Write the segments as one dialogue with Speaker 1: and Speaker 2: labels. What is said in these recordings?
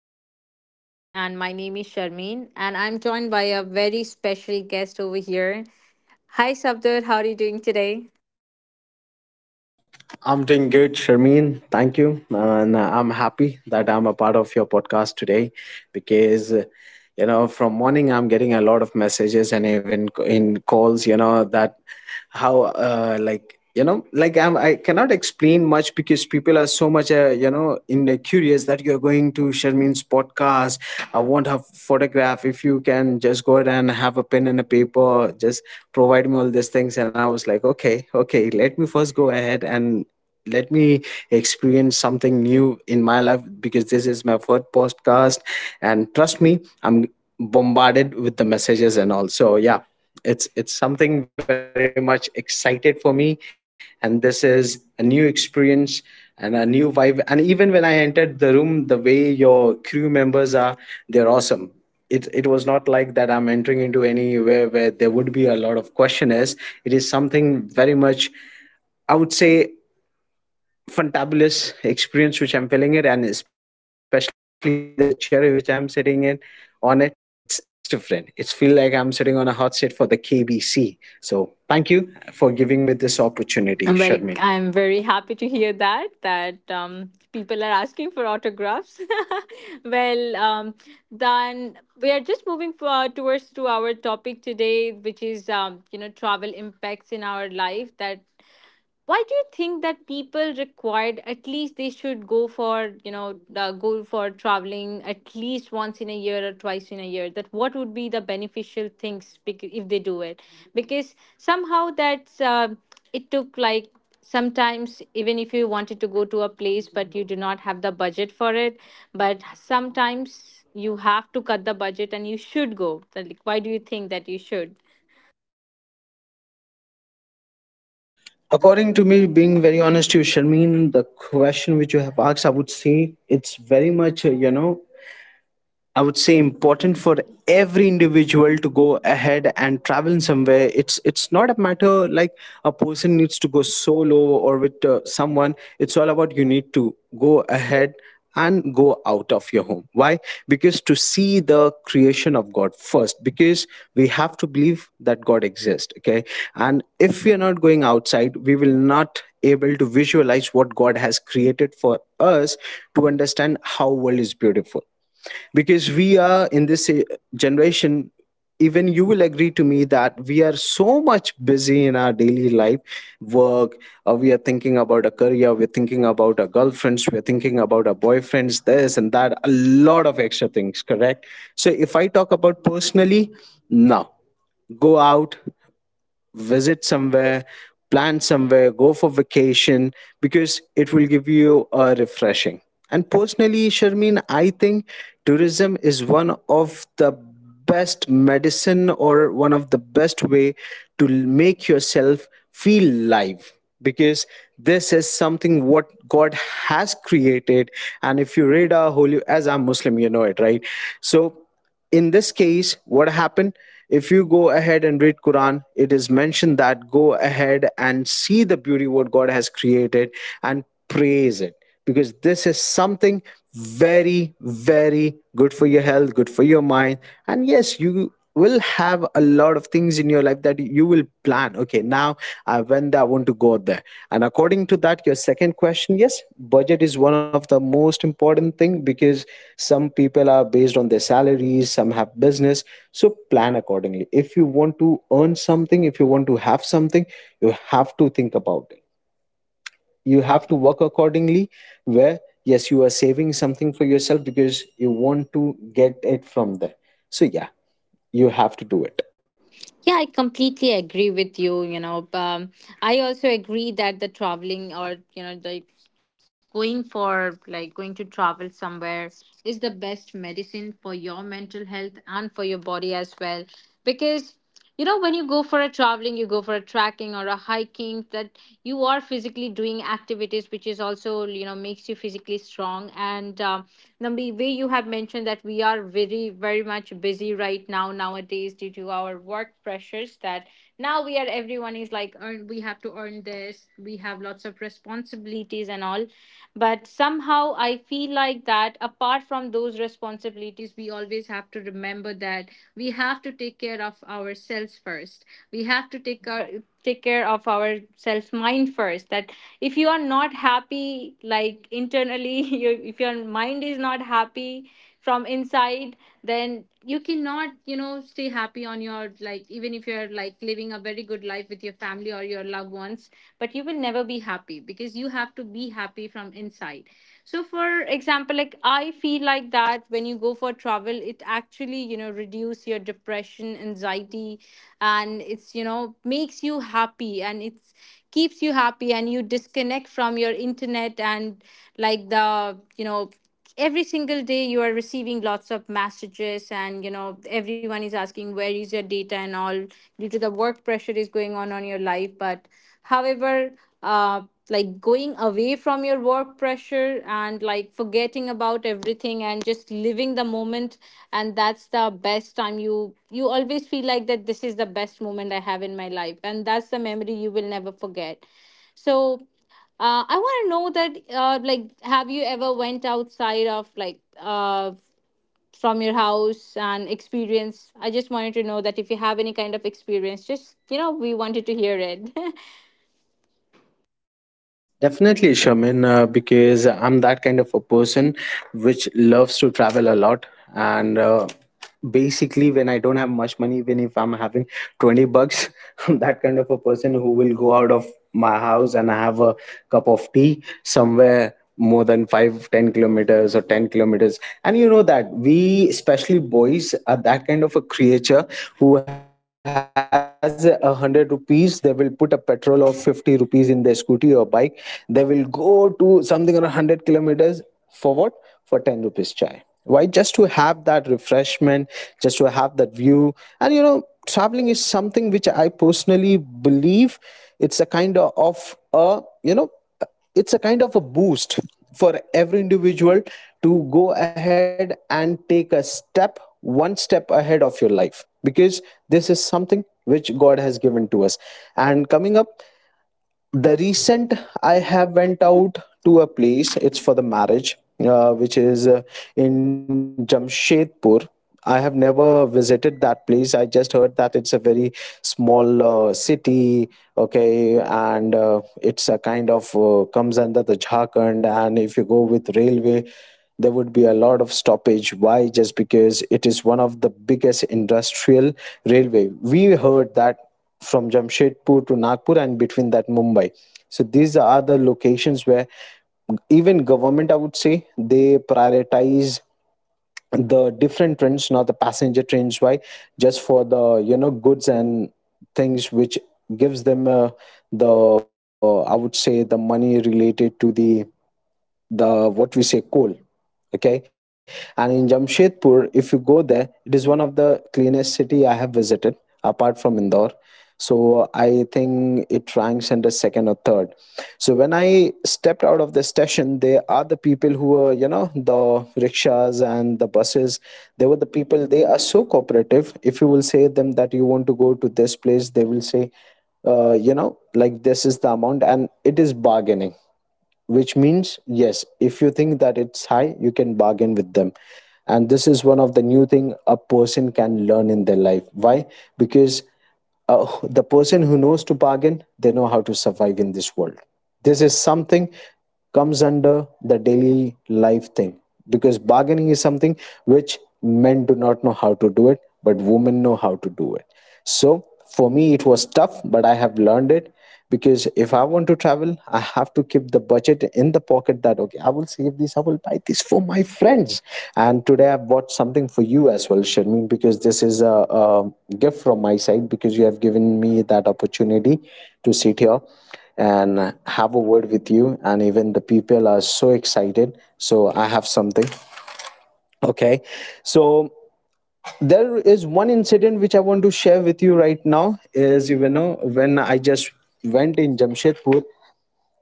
Speaker 1: podcast today. And my name is Sharmeen, and I'm joined by a very special guest over here. Hi, Sabdar. How are you doing today?
Speaker 2: I'm doing good, Sharmeen. Thank you. And I'm happy that I'm a part of your podcast today because, from morning I'm getting a lot of messages and even in calls, that how, like, like I cannot explain much because people are so much, in curious that you're going to Sharmeen's podcast. I want her photograph. If you can just go ahead and have a pen and a paper, just provide me all these things. And I was like, okay, okay, let me first go ahead and let me experience something new in my life because this is my first podcast, and trust me, I'm bombarded with the messages and all. So yeah, it's something very much excited for me, and this is a new experience and a new vibe. And even when I entered the room, the way your crew members are, they're awesome. It was not like that I'm entering into anywhere where there would be a lot of questionnaires. It is something very much, I would say, fantabulous experience which I'm feeling it, and especially the chair which I'm sitting in on it. It's different. It's feel like I'm sitting on a hot seat for the KBC. So thank you for giving me this opportunity, Sharmin.
Speaker 1: Well, I'm very happy to hear that people are asking for autographs. well, um, then we are just moving for, towards to our topic today, which is you know travel impacts in our life, that why do you think that people required, at least they should go for go for traveling at least once in a year or twice in a year, that what would be the beneficial things if they do it, because somehow that's it took like sometimes even if you wanted to go to a place but you do not have the budget for it. But sometimes you have to cut the budget and you should go, like why do you think that you should...
Speaker 2: According to me, being very honest to you, Sharmin, the question which you have asked, I would say it's very much I would say important for every individual to go ahead and travel somewhere. It's not a matter like a person needs to go solo or with someone. It's all about you need to go ahead and go out of your home. Why? Because to see the creation of God first. Because we have to believe that God exists. Okay, and if we are not going outside, we will not able to visualize what God has created for us, to understand how world is beautiful, because we are in this generation. Even you will agree to me that we are so much busy in our daily life work. We are thinking about a career, we're thinking about our girlfriends, we're thinking about our boyfriends, this and that, a lot of extra things, correct? So if I talk about personally now, go out, visit somewhere, plan somewhere, go for vacation, because it will give you a refreshing. And personally, Sharmeen, I think tourism is one of the best medicine or one of the best way to make yourself feel live, because this is something what God has created. And if you read our holy, as I'm Muslim, you know it, right? So in this case, what happened, if you go ahead and read Quran, it is mentioned that go ahead and see the beauty what God has created and praise it, because this is something very very good for your health, good for your mind. And yes, you will have a lot of things in your life that you will plan. Okay, now, when I want to go out there, and according to that your second question, yes, budget is one of the most important thing, because some people are based on their salaries, some have business. So plan accordingly. If you want to earn something, if you want to have something, you have to think about it, you
Speaker 1: You have
Speaker 2: have
Speaker 1: to
Speaker 2: to
Speaker 1: work.
Speaker 2: work accordingly, where yes, you are saving something for yourself because you want to get it from there. So yeah, you have to do it.
Speaker 1: Yeah, I completely agree with you. I also agree that the traveling, or, you know, the going for like going to travel somewhere is the best medicine for your mental health and for your body as well. Because, you know, when you go for a traveling, you go for a trekking or a hiking, that you are physically doing activities which is also, you know, makes you physically strong, and the way you have mentioned that we are very, very much busy right now nowadays due to our work pressures, that now we are, everyone is like earn, we have to earn this, we have lots of responsibilities and all, but somehow I feel like that apart from those responsibilities, we always have to remember that we have to take care of ourselves first. We have to take care of our self mind first, that if you are not happy, like, internally, you, if your mind is not happy from inside, then you cannot, you know, stay happy on your, like, even if you're like living a very good life with your family or your loved ones, but you will never be happy because you have to be happy from inside. So, for example, like I feel like that when you go for travel, it actually, you know, reduce your depression, anxiety, and it's, you know, makes you happy, and it's keeps you happy, and you disconnect from your internet, and like the, you know, every single day you are receiving lots of messages, and you know everyone is asking where is your data and all, due to the work pressure is going on your life. But however, uh, like going away from your work pressure, and like forgetting about everything, and just living the moment, and that's the best time you always feel like that this is the best moment I have in my life, and that's the memory you will never forget. So, I want to know that, like, have you ever went outside of like, from your house and experience. I just wanted to know that if you have any kind of experience, just, you know, we wanted to hear it.
Speaker 2: Definitely, Shamin, because I'm that kind of a person which loves to travel a lot. And basically, when I don't have much money, even if I'm having 20 bucks, I'm that kind of a person who will go out of my house and have a cup of tea somewhere more than 5, 10 kilometers or 10 kilometers. And you know that we, especially boys, are that kind of a creature who has a hundred rupees, they will put a petrol of 50 rupees in their scooty or bike, they will go to something around 100 kilometers. For what? For 10 rupees chai. Why? Just to have that refreshment, just to have that view. And you know, traveling is something which I personally believe, it's a kind of a, you know, it's a kind of a boost for every individual to go ahead and take a step, one step ahead of your life, because this is something which God has given to us. And coming up, the recent, I have went out to a place, it's for the marriage, which is in Jamshedpur. I have never visited that place, I just heard that it's a very small city. Okay, and it's a kind of comes under the Jharkhand. And if you go with railway, there would be a lot of stoppage. Why? Just because it is one of the biggest industrial railway, we heard that from Jamshedpur to Nagpur and between that Mumbai. So these are the locations where even government, I would say, they prioritize the different trains, not the passenger trains. Why? Just for the, you know, goods and things, which gives them the, I would say, the money related to the what we say, coal. Okay. And in Jamshedpur, if you go there, it is one of the cleanest city I have visited, apart from Indore. So I think it ranks under second or third. So when I stepped out of the station, there are the people who were, you know, the rickshaws and the buses, they were the people, they are so cooperative. If you will say them that you want to go to this place, they will say, you know, like, this is the amount, and it is bargaining, which means, yes, if you think that it's high, you can bargain with them. And this is one of the new thing a person can learn in their life. Why? Because the person who knows to bargain, they know how to survive in this world. This is something comes under the daily life thing, because bargaining is something which men do not know how to do it, but women know how to do it. So for me it was tough, but I have learned it. Because if I want to travel, I have to keep the budget in the pocket, that okay, I will save this, I will buy this for my friends. And today I bought something for you as well, Sharmeen, because this is a gift from my side, because you have given me that opportunity to sit here and have a word with you, and even the people are so excited, so I have something. Okay. So there is one incident which I want to share with you right now is, you know, when I just went in Jamshedpur.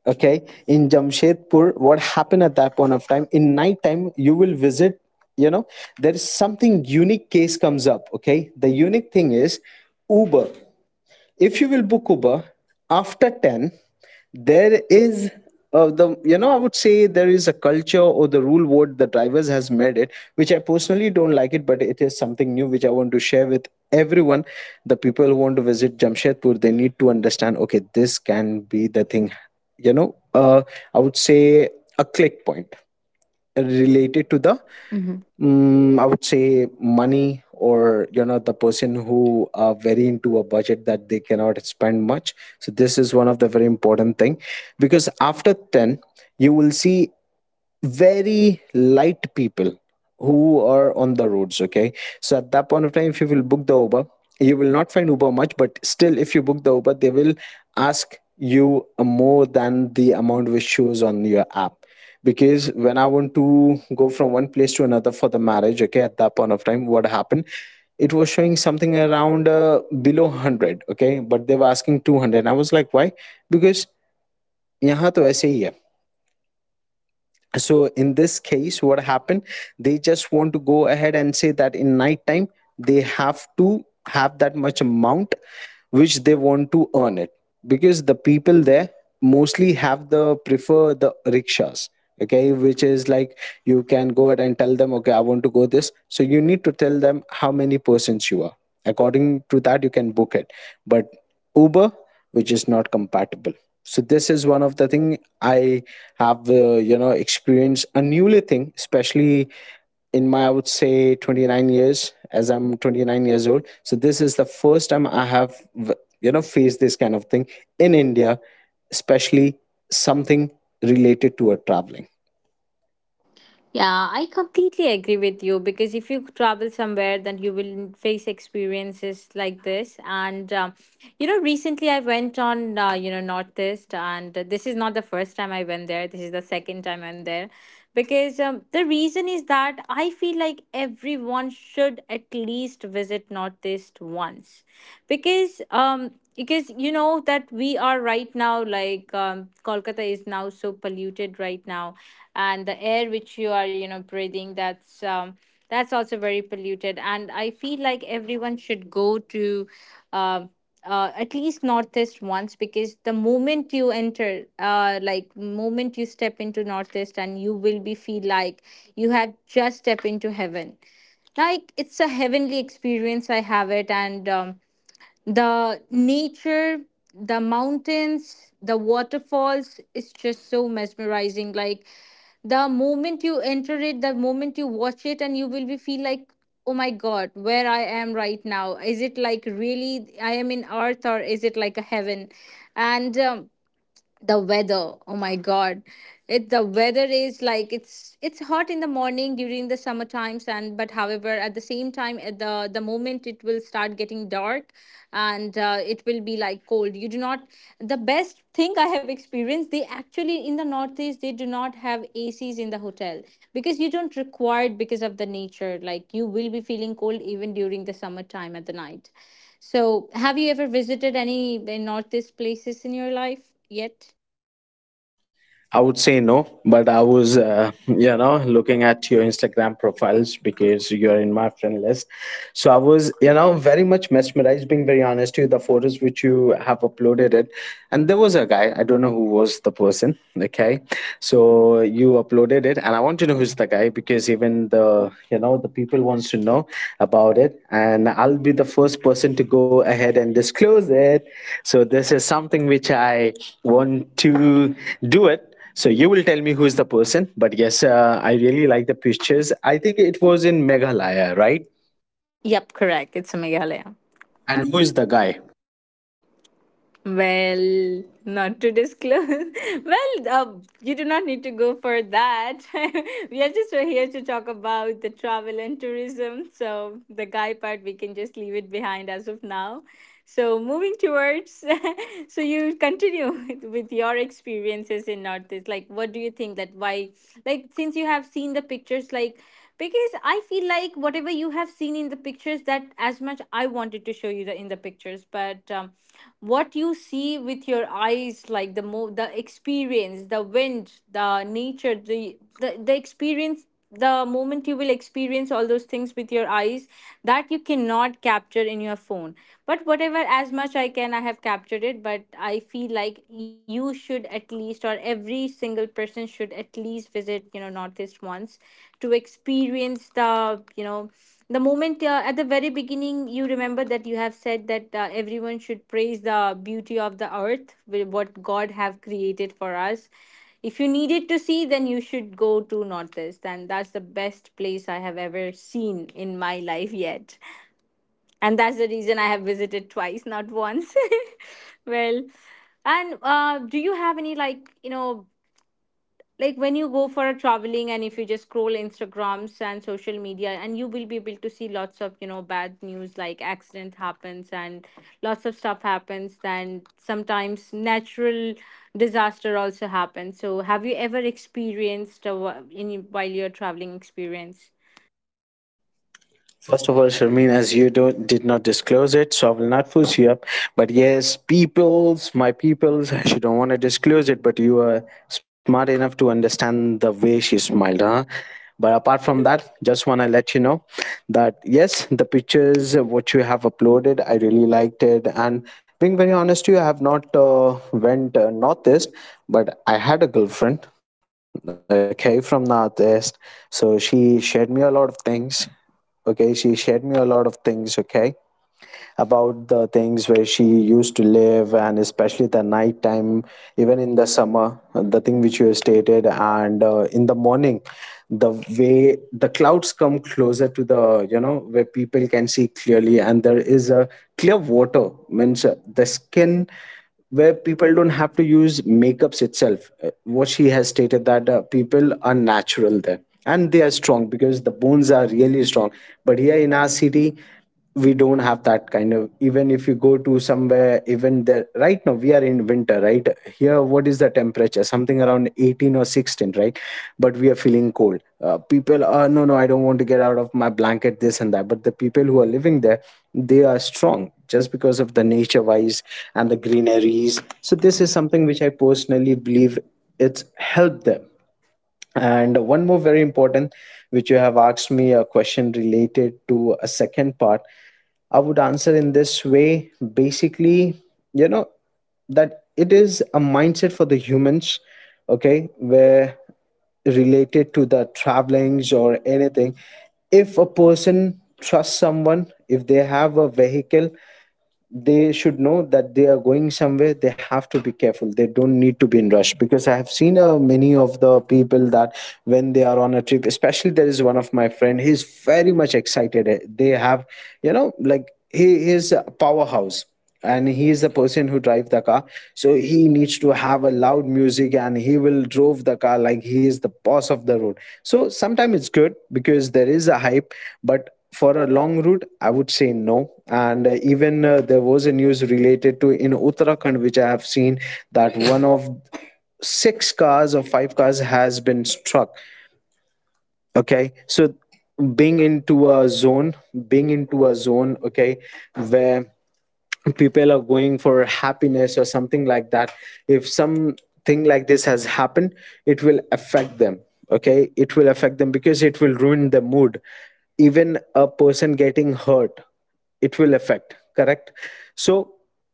Speaker 2: Okay, in Jamshedpur, what happened, at that point of time in night time you will visit, you know, there is something unique case comes up. Okay, the unique thing is Uber. If you will book Uber after 10, there is, the, you know, I would say there is a culture or the rule what the drivers has made it, which I personally don't like it, but it is something new which I want to share with everyone. The people who want to visit Jamshedpur, they need to understand, okay, this can be the thing, you know, I would say, a click point related to the,
Speaker 1: The Hmm.
Speaker 2: I would say, money, or, you know, the person who are very into a budget, that they cannot spend much. So this is one of the very important thing, because after 10 you will see very light people who are on the roads, okay. So at that point of time if you will book the Uber, you will not find Uber much, but still if you book the Uber they will ask you more than the amount which shows on your app. Because when I want to go from one place to another for the marriage, okay, at that point of time what happened, it was showing something around below 100, okay, but they were asking 200. I was like, why? Because yahan to aise hi hai. So in this case what happened, they just want to go ahead and say that in night time they have to have that much amount which they want to earn it, because the people there mostly have the prefer the rickshaws. Okay, which is like you can go ahead and tell them, okay, I want to go this, so you need to tell them how many persons you are. According to that you can book it. But Uber, which is not compatible. So this is one of the thing I have you know, experienced a newly thing, especially in my, I would say, 29 years, as I'm 29 years old. So this is the first time I have you know, faced this kind of thing in India, especially something related to a traveling.
Speaker 1: Yeah, I completely agree with you, because if you travel somewhere, then you will face experiences like this. And recently I went on Northeast, and this is not the first time I went there. This is the second time I'm there, because the reason is that I feel like everyone should at least visit Northeast once, because um because you know that we are right now, like, Kolkata is now so polluted right now, and the air which you are, you know, breathing, that's also very polluted. And I feel like everyone should go to, uh, at least Northeast once, because the moment you enter, like, moment you step into Northeast, and you will be feel like you have just stepped into heaven. Like, it's a heavenly experience I have it. And the nature, the mountains, the waterfalls is just so mesmerizing, like, the moment you enter it, the moment you watch it, and you will be feel like, oh my god, where I am right now? Is it like really I am in earth, or is it like a heaven? And the weather, oh my god, it the weather is like, it's hot in the morning during the summer times, and but however, at the same time, at the moment it will start getting dark, and it will be like cold. You do not... The best thing I have experienced, they actually in the Northeast, they do not have ACs in the hotel, because you don't require it, because of the nature, like you will be feeling cold even during the summertime at the night. So, have you ever visited any Northeast places in your life yet?
Speaker 2: I would say no, but I was you know, looking at your Instagram profiles because you're in my friend list. So I was, you know, very much mesmerized, being very honest to you. The photos which you have uploaded it, and there was a guy, I don't know who was the person, okay. So you uploaded it, and I want to know who's the guy, because even the, you know, the people wants to know about it, and I'll be the first person to go ahead and disclose it. So this is something which I want to do it. So you will tell me who is the person. But yes, I really like the pictures. I think it was in Meghalaya, right?
Speaker 1: Yep, correct. It's a Meghalaya.
Speaker 2: And who is the guy?
Speaker 1: Well, not to disclose. well, uh, you do not need to go for that. We are just here to talk about the travel and tourism. So, the guy part, we can just leave it behind as of now. So, moving towards, so you continue with your experiences in Northeast. Like, what do you think that why, like since you have seen the pictures, like, because I feel like whatever you have seen in the pictures, that as much I wanted to show you the, in the pictures, but what you see with your eyes, like the experience, the wind, the nature, the experience, the moment you will experience all those things with your eyes, that you cannot capture in your phone. But whatever, as much I can, I have captured it, but I feel like you should at least, or every single person should at least visit, you know, Northeast once, to experience the, you know, the moment, at the very beginning you remember that you have said that, everyone should praise the beauty of the earth, what god have created for us. If you needed to see, then you should go to Northeast, and that's the best place I have ever seen in my life yet. And that's the reason I have visited twice, not once. Well, and do you have any, like, you know, like, when you go for a traveling, and if you just scroll Instagrams and social media, and you will be able to see lots of, you know, bad news like accident happens, and lots of stuff happens, and sometimes natural disaster also happens. So, have you ever experienced in while you're traveling experience?
Speaker 2: First of all, Sharmeen, as you don't did not disclose it, so I will not force you up. But yes, peoples, my peoples, she don't want to disclose it, but you are smart enough to understand the way she smiled, huh? But apart from that, just wanna let you know that yes, the pictures, what you have uploaded, I really liked it. And being very honest to you, I have not went northeast, but I had a girlfriend, okay, from northeast. So she shared me a lot of things, okay, she shared me a lot of things okay about the things where she used to live, and especially the night time, even in the summer, the thing which you stated. And in the morning, the way the clouds come closer to the, you know, where people can see clearly, and there is a clear water, means, the skin, where people don't have to use makeups itself. What she has stated that people are natural there, and they are strong because the bones are really strong. But here in our city, we don't have that kind of, even if you go to somewhere. Even there, right now we are in winter, right? Here what is the temperature, something around 18 or 16, right? But we are feeling cold. People are, no no, I don't want to get out of my blanket, this and that. But the people who are living there, they are strong just because of the nature wise and the greeneries. So this is something which I personally believe it's helped them. And one more very important, which you have asked me a question related to a second part, I would answer in this way. Basically, you know, that it is a mindset for the humans, okay, where related to the travelings or anything, if a person trusts someone, if they have a vehicle, they should know that they are going somewhere, they have to be careful, they don't need to be in rush. Because I have seen many of the people that when they are on a trip, especially, there is one of my friend, he's very much excited. They have, you know, like, he is a powerhouse, and he is the person who drive the car. So he needs to have a loud music, and he will drove the car like he is the boss of the road. So sometimes it's good because there is a hype, but for a long route I would say no. And even there was a news related to in Uttarakhand which I have seen, that one of six cars or five cars has been struck, okay. So being into a zone, being into a zone okay where people are going for happiness or something like that, if something like this has happened, it will affect them. Okay, it will affect them because it will ruin the mood. Even a person getting hurt, it will affect, correct? So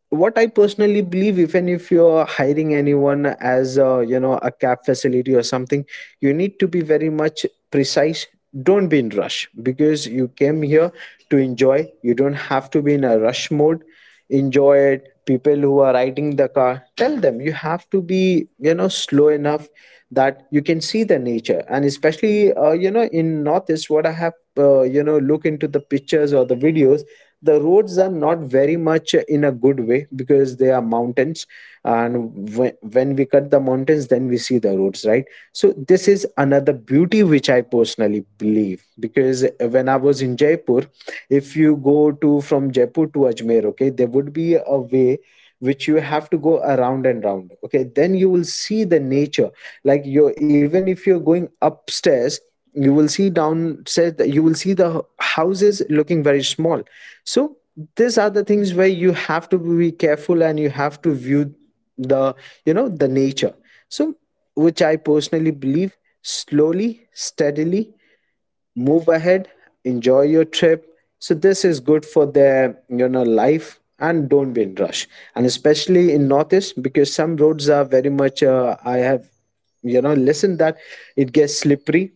Speaker 2: what I personally believe, even if you're hiring anyone as a, you know, a cab facility or something, you need to be very much precise. Don't be in rush, because you came here to enjoy, you don't have to be in a rush mode. Enjoy it. People who are riding the car, tell them you have to be, you know, slow enough, that you can see the nature. And especially you know, in northeast, what I have you know, look into the pictures or the videos, the roads are not very much in a good way, because they are mountains, and when we cut the mountains, then we see the roads, right? So this is another beauty which I personally believe, because when I was in Jaipur, if you go to, from Jaipur to Ajmer, okay, there would be a way which you have to go around and round, okay, then you will see the nature. Like, you, even if you're going upstairs, you will see downstairs, that you will see the houses looking very small. So these are the things where you have to be careful, and you have to view the, you know, the nature. So, which I personally believe, slowly steadily, move ahead, enjoy your trip. So this is good for their, you know, life, and don't be in rush. And especially in northeast, because some roads are very much, I have, you know, listened that it gets slippery.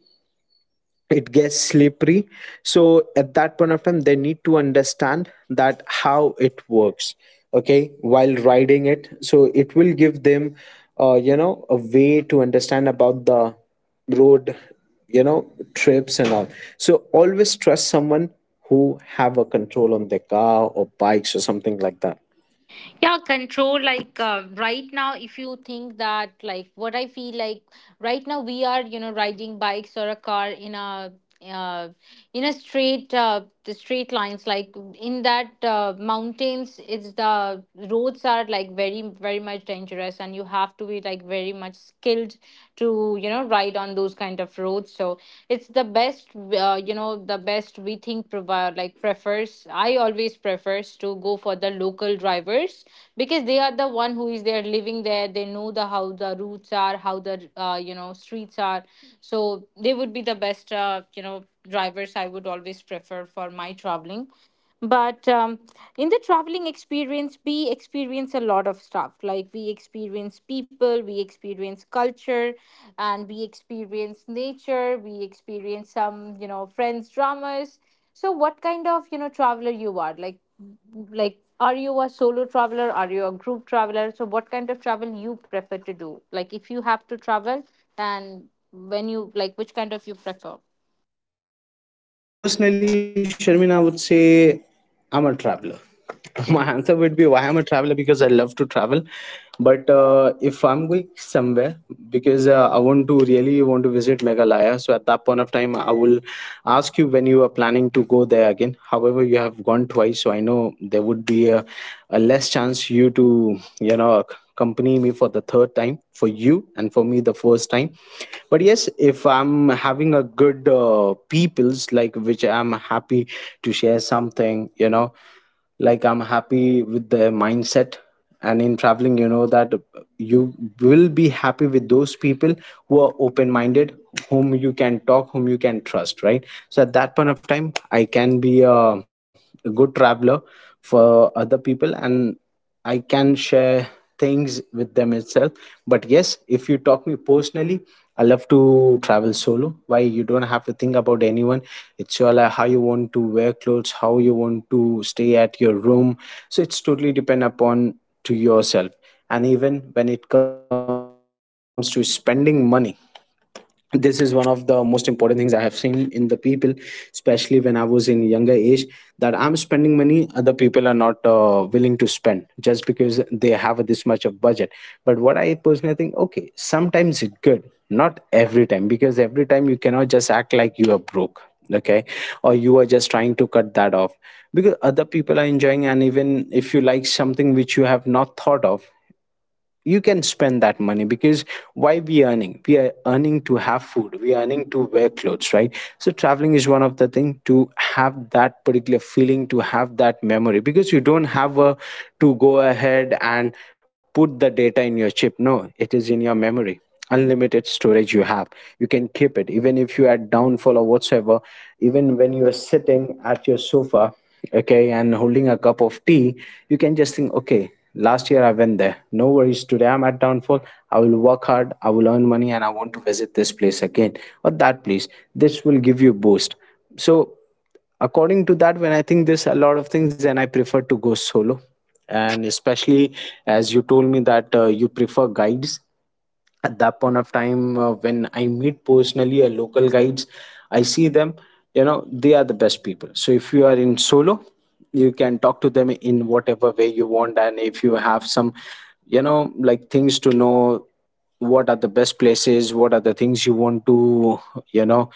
Speaker 2: It gets slippery. So at that point of time they need to understand that how it works, okay, while riding it. So it will give them you know, a way to understand about the road, you know, trips and all. So always trust someone who have a control on their car or bikes or something like that.
Speaker 1: Yeah, control. Like, right now, if you think that, like, what I feel like right now, we are, you know, riding bikes or a car in a, uh in a straight, the straight lines, like in that, mountains, it's the roads are like very, very much dangerous, and you have to be like very much skilled to, you know, ride on those kind of roads. So, it's the best, you know, the best we think provide, like prefers, I always prefers to go for the local drivers, because they are the one who is there living there, they know the how the routes are, how the, you know, streets are, so they would be the best, you know, drivers I would always prefer for my traveling. But in the traveling experience, we experience a lot of stuff, like we experience people, we experience culture, and we experience nature, we experience some, you know, friends dramas. So, what kind of, you know, traveler you are? Like, are you a solo traveler? Are you a group traveler? So, what kind of travel you prefer to do? Like, if you have to travel, then when you like, which kind of you prefer?
Speaker 2: Personally, Sharmina, I would say I'm a traveler. My answer would be, why I'm a traveler, because I love to travel. But if I'm going somewhere, because I want to really want to visit Meghalaya, so at that point of time I will ask you when you are planning to go there again. However, you have gone twice, so I know there would be a less chance you to, you know, accompany me for the third time, for you, and for me the first time. But yes, if I'm having a good people's, like, which I'm happy to share something, you know, like, I'm happy with the mindset. And in traveling, you know, that you will be happy with those people who are open minded, whom you can talk, whom you can trust, right? So at that point of time I can be a good traveler for other people, and I can share things with them itself. But yes, if you talk me personally, I love to travel solo. Why? You don't have to think about anyone. It's your, like, how you want to wear clothes, how you want to stay at your room. So it's totally depend upon to yourself. And even when it comes to spending money, this is one of the most important things I have seen in the people, especially when I was in younger age, that I'm spending money, other people are not willing to spend just because they have this much of budget. But what I personally think, okay, sometimes it's good, not every time. Because every time you cannot just act like you are broke, okay, or you are just trying to cut that off, because other people are enjoying. And even if you like something which you have not thought of, you can spend that money. Because why we earning? We are earning to have food, we are earning to wear clothes, right? So traveling is one of the thing to have that particular feeling, to have that memory. Because you don't have a, to go ahead and put the data in your chip, no, it is in your memory, unlimited storage you have. You can keep it even if you are downfall or whatsoever. Even when you are sitting at your sofa, okay, and holding a cup of tea, you can just think, okay, last year I went there, no worries. Today I'm at downfall, I will work hard, I will earn money, and I want to visit this place again, or that place. This will give you a boost. So according to that, when I think this a lot of things, then I prefer to go solo. And especially as you told me that you prefer guides at that point of time when I meet personally a local guides. I see them, you know, they are the best people. So if you are in solo, you can talk to them in whatever way you want, and if you have some, you know, like things to know, what are the best places, what are the things you want to, you know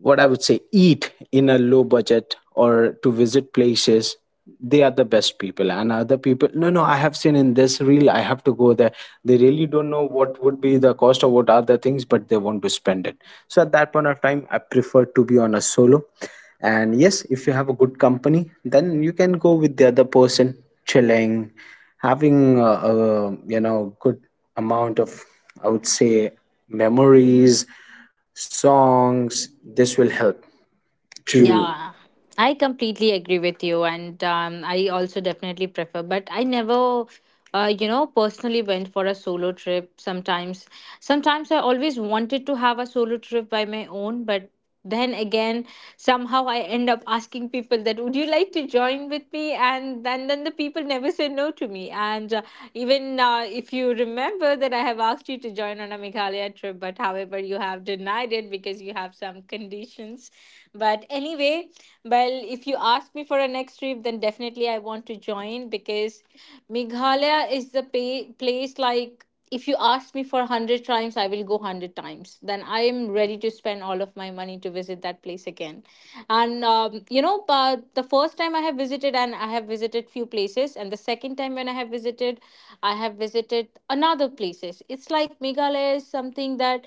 Speaker 2: what I would say, eat in a low budget or to visit places. They are the best people. And other people, no no, I have seen in this reel I have to go there. They really don't know what would be the cost or what are the things, but they want to spend it. So at that point of time I prefer to be on a solo. And yes, if you have a good company, then you can go with the other person, chilling, having a good amount of, I would say, memories, songs. This will help. Yeah. To
Speaker 1: To Yeah, I completely agree with you, and I also definitely prefer. But I never, you know, personally went for a solo trip. Sometimes, I always wanted to have a solo trip by my own, but then again, somehow I end up asking people that would you like to join with me, and then the people never say no to me. And even if you remember that I have asked you to join on a Meghalaya trip, but however you have denied it because you have some conditions, but anyway, well, if you ask me for a next trip, then definitely I want to join, because Meghalaya is the place. Like, if you ask me for 100 times, I will go 100 times. Then I am ready to spend all of my money to visit that place again. And, you know, but the first time I have visited, and I have visited few places. And the second time when I have visited another places. It's like Meghalaya is something that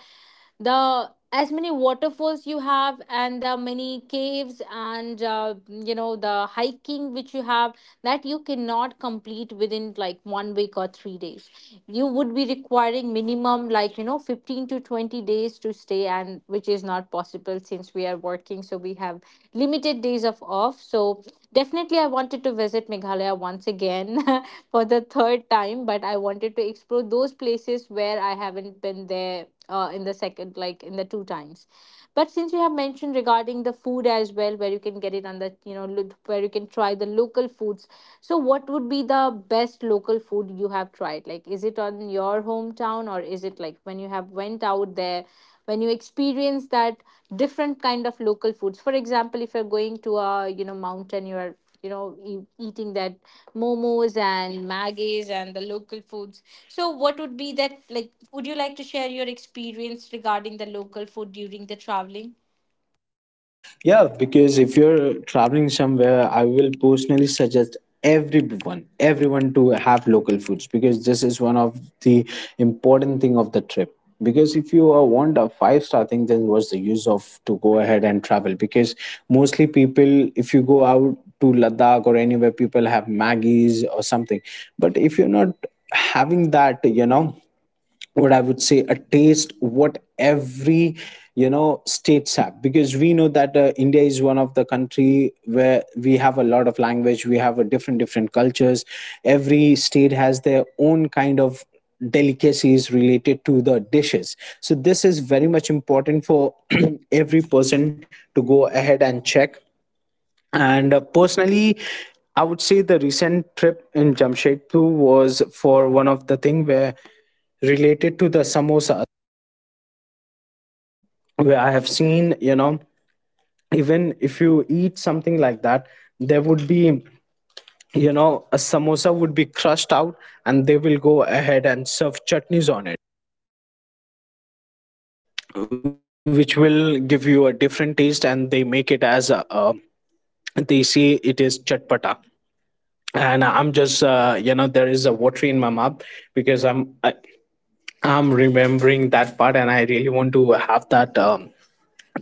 Speaker 1: the as many waterfalls you have, and the many caves, and you know the hiking which you have, that you cannot complete within, like, 1 week or 3 days. You would be requiring minimum, like, you know, 15 to 20 days to stay, and which is not possible since we are working, so we have limited days of off, so definitely I wanted to visit Meghalaya once again for the third time, but I wanted to explore those places where I haven't been there, in the second, like in the two times. But since you have mentioned regarding the food as well, where you can get it on the, you know, where you can try the local foods, so what would be the best local food you have tried, like is it on your hometown, or is it like when you have went out there, when you experience that different kind of local foods. For example, if you're going to a, you know, mountain, you're, you know, eating that momos and maggies and the local foods, so, what would be that? Like, would you like to share your experience regarding the local food during the traveling?
Speaker 2: yeah, because if you're traveling somewhere, I will personally suggest everyone, everyone, to have local foods because this is one of the important thing of the trip. Because if you want a five-star thing, then what's the use of to go ahead and travel? Because mostly people, if you go out to Ladakh or anywhere, people have Maggies or something. But if you're not having that, you know, what I would say, a taste what every, you know, states have, because we know that India is one of the country where we have a lot of language, we have a different different cultures. Every state has their own kind of delicacies related to the dishes. So this is very much important for every person to go ahead and check. And personally, I would say the recent trip in Jamshedpur was for one of the thing where related to the samosa, where I have seen, you know, even if you eat something like that, there would be, you know, a samosa would be crushed out and they will go ahead and serve chutneys on it, which will give you a different taste. And they make it as a, they say it is chatpata. And I'm just you know, there is a watery in my mouth because I'm remembering that part, and I really want to have that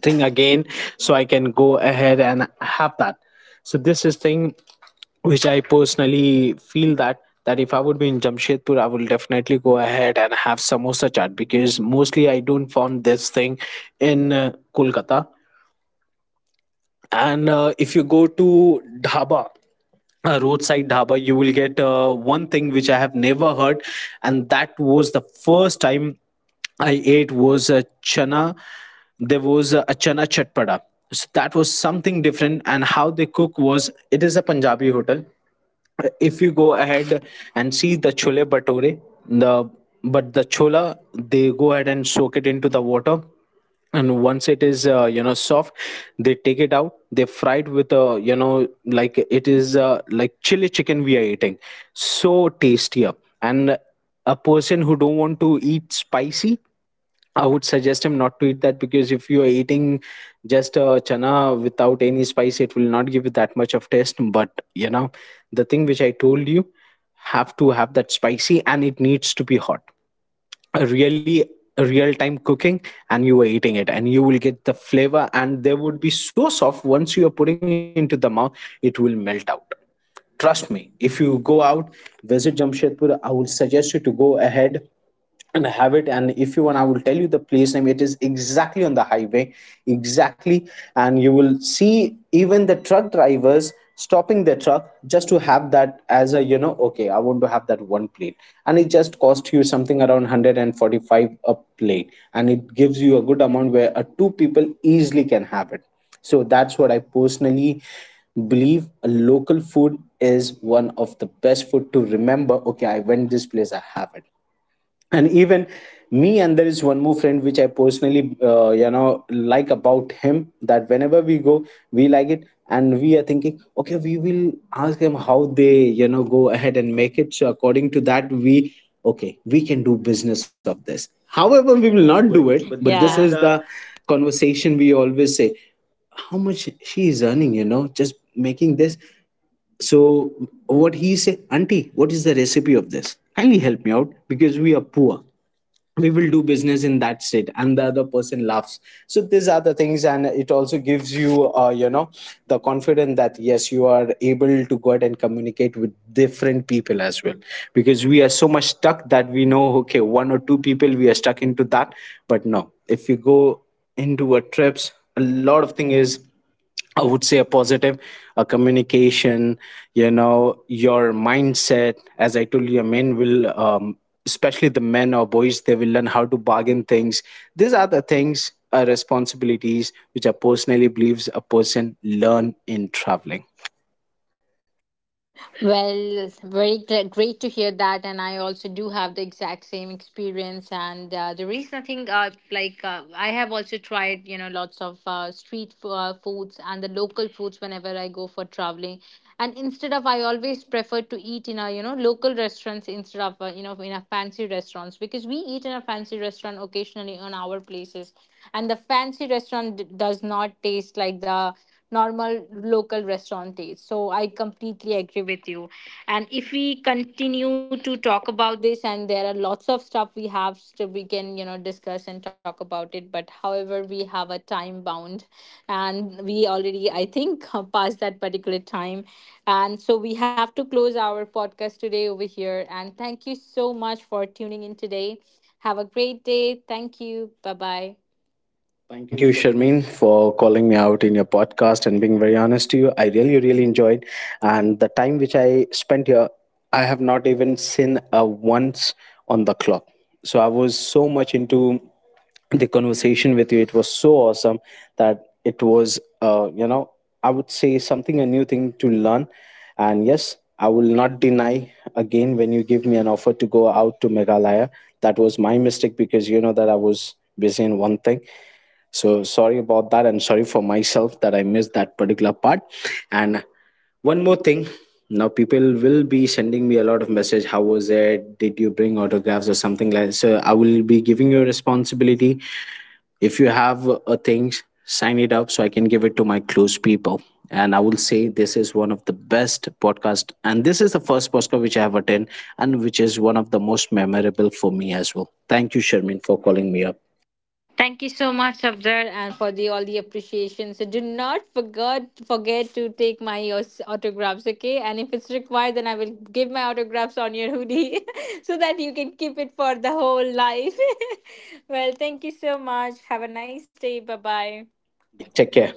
Speaker 2: thing again, so I can go ahead and have that. So this is thing which I personally feel that that if I would be in Jamshedpur, I will definitely go ahead and have samosa chaat, because mostly I don't found this thing in Kolkata. And if you go to dhaba, a roadside dhaba, you will get one thing which I have never heard, and that was the first time I ate was a chana. There was a chana chatpada. So that was something different. And how they cook was, it is a punjabi hotel. If you go ahead and see the chole bhature, the, but the chola, they go ahead and soak it into the water, and once it is you know, soft, they take it out. They fried with a, you know, like it is like chili chicken we are eating. So tastier. And a person who don't want to eat spicy, I would suggest him not to eat that, because if you are eating just chana without any spice, it will not give you that much of taste. But you know, the thing which I told you, have to have that spicy and it needs to be hot. A really, a real time cooking. And you were eating it and you will get the flavor, and they would be so soft. Once you are putting into the mouth, it will melt out. Trust me, if you go out, visit Jamshedpur, I would suggest you to go ahead and have it. And if you want, I will tell you the place name. It is exactly on the highway. Exactly. And you will see even the truck drivers stopping their truck just to have that as a, you know, okay, I want to have that one plate. And it just cost you something around 145 a plate, and it gives you a good amount where a two people easily can have it. So that's what I personally believe, a local food is one of the best food to remember. Okay, I went this place, I have it. And even me and there is one more friend which I personally you know, like about him, that whenever we go, we like it, and we are thinking, okay, we will ask them how they, you know, go ahead and make it. So according to that we, okay, we can do business of this, however we will not do
Speaker 1: Do
Speaker 2: it.
Speaker 1: it,
Speaker 2: But
Speaker 1: but this is,
Speaker 2: this, yeah, is
Speaker 1: yeah,
Speaker 2: the
Speaker 1: the...
Speaker 2: conversation we always say, how much she is earning, you know, just making this. So what he say, Auntie, what is the recipe of this? Kindly help me out, because we are poor. We will do business in that state, and the other person laughs. So these are the things, and it also gives you, you know, the confidence that yes, you are able to go out and communicate with different people as well. Because we are so much stuck that we know, okay, one or two people we are stuck into that, but no, if you go into a trip, a lot of thing is, I would say, a positive, a communication, you know, your mindset. As I told you, men will, especially the men or boys, they will learn how to bargain things. These are the things, responsibilities, which I personally believes a person learn in traveling.
Speaker 1: Well, very great to hear that, and I also do have the exact same experience. And there is nothing, like, I have also tried, you know, lots of street foods and the local foods whenever I go for traveling. And instead of, I always prefer to eat in a, you know, local restaurants instead of, you know, in a fancy restaurants, because we eat in a fancy restaurant occasionally on our places, and the fancy restaurant does not taste like the normal local restaurant taste. So I completely agree with you. And if we continue to talk about this, and there are lots of stuff we have, so we can, you know, discuss and talk about it. But however, we have a time bound, and we already, I think, passed that particular time, and so we have to close our podcast today over here. And thank you so much for tuning in today. Have a great day. Thank you. Bye bye. Thank
Speaker 2: Thank
Speaker 1: you,
Speaker 2: you,
Speaker 1: Sharmin.
Speaker 2: Sharmeen, for calling me out in your podcast and being very honest to you. I really, really enjoyed, and the time which I spent here, I have not even seen a once on the clock. So I was so much into the conversation with you. It was so awesome that it was, you know, I would say something a new thing to learn. And yes, I will not deny again when you give me an offer to go out to Meghalaya. That was my mistake, because you know that I was busy in one thing, so sorry about that, and sorry for myself that I missed that particular part. And one more thing, now people will be sending me a lot of message. How was it? Did you bring autographs or something like? So I will be giving you a responsibility. If you have a things, sign it up, so I can give it to my close people. And I will say this is one of the best podcast, and this is the first podcast which I have attended, and which is one of the most memorable for me as well. Thank you, Shermin, for calling me up.
Speaker 1: Thank you so much, Abdar, and for the all the appreciation. So do not forget to take my autographs, okay? And if it's required, then I will give my autographs on your hoodie so that you can keep it for the whole life. Thank you so much. Have a nice day. Bye
Speaker 2: Bye bye.
Speaker 1: bye.
Speaker 2: Take care.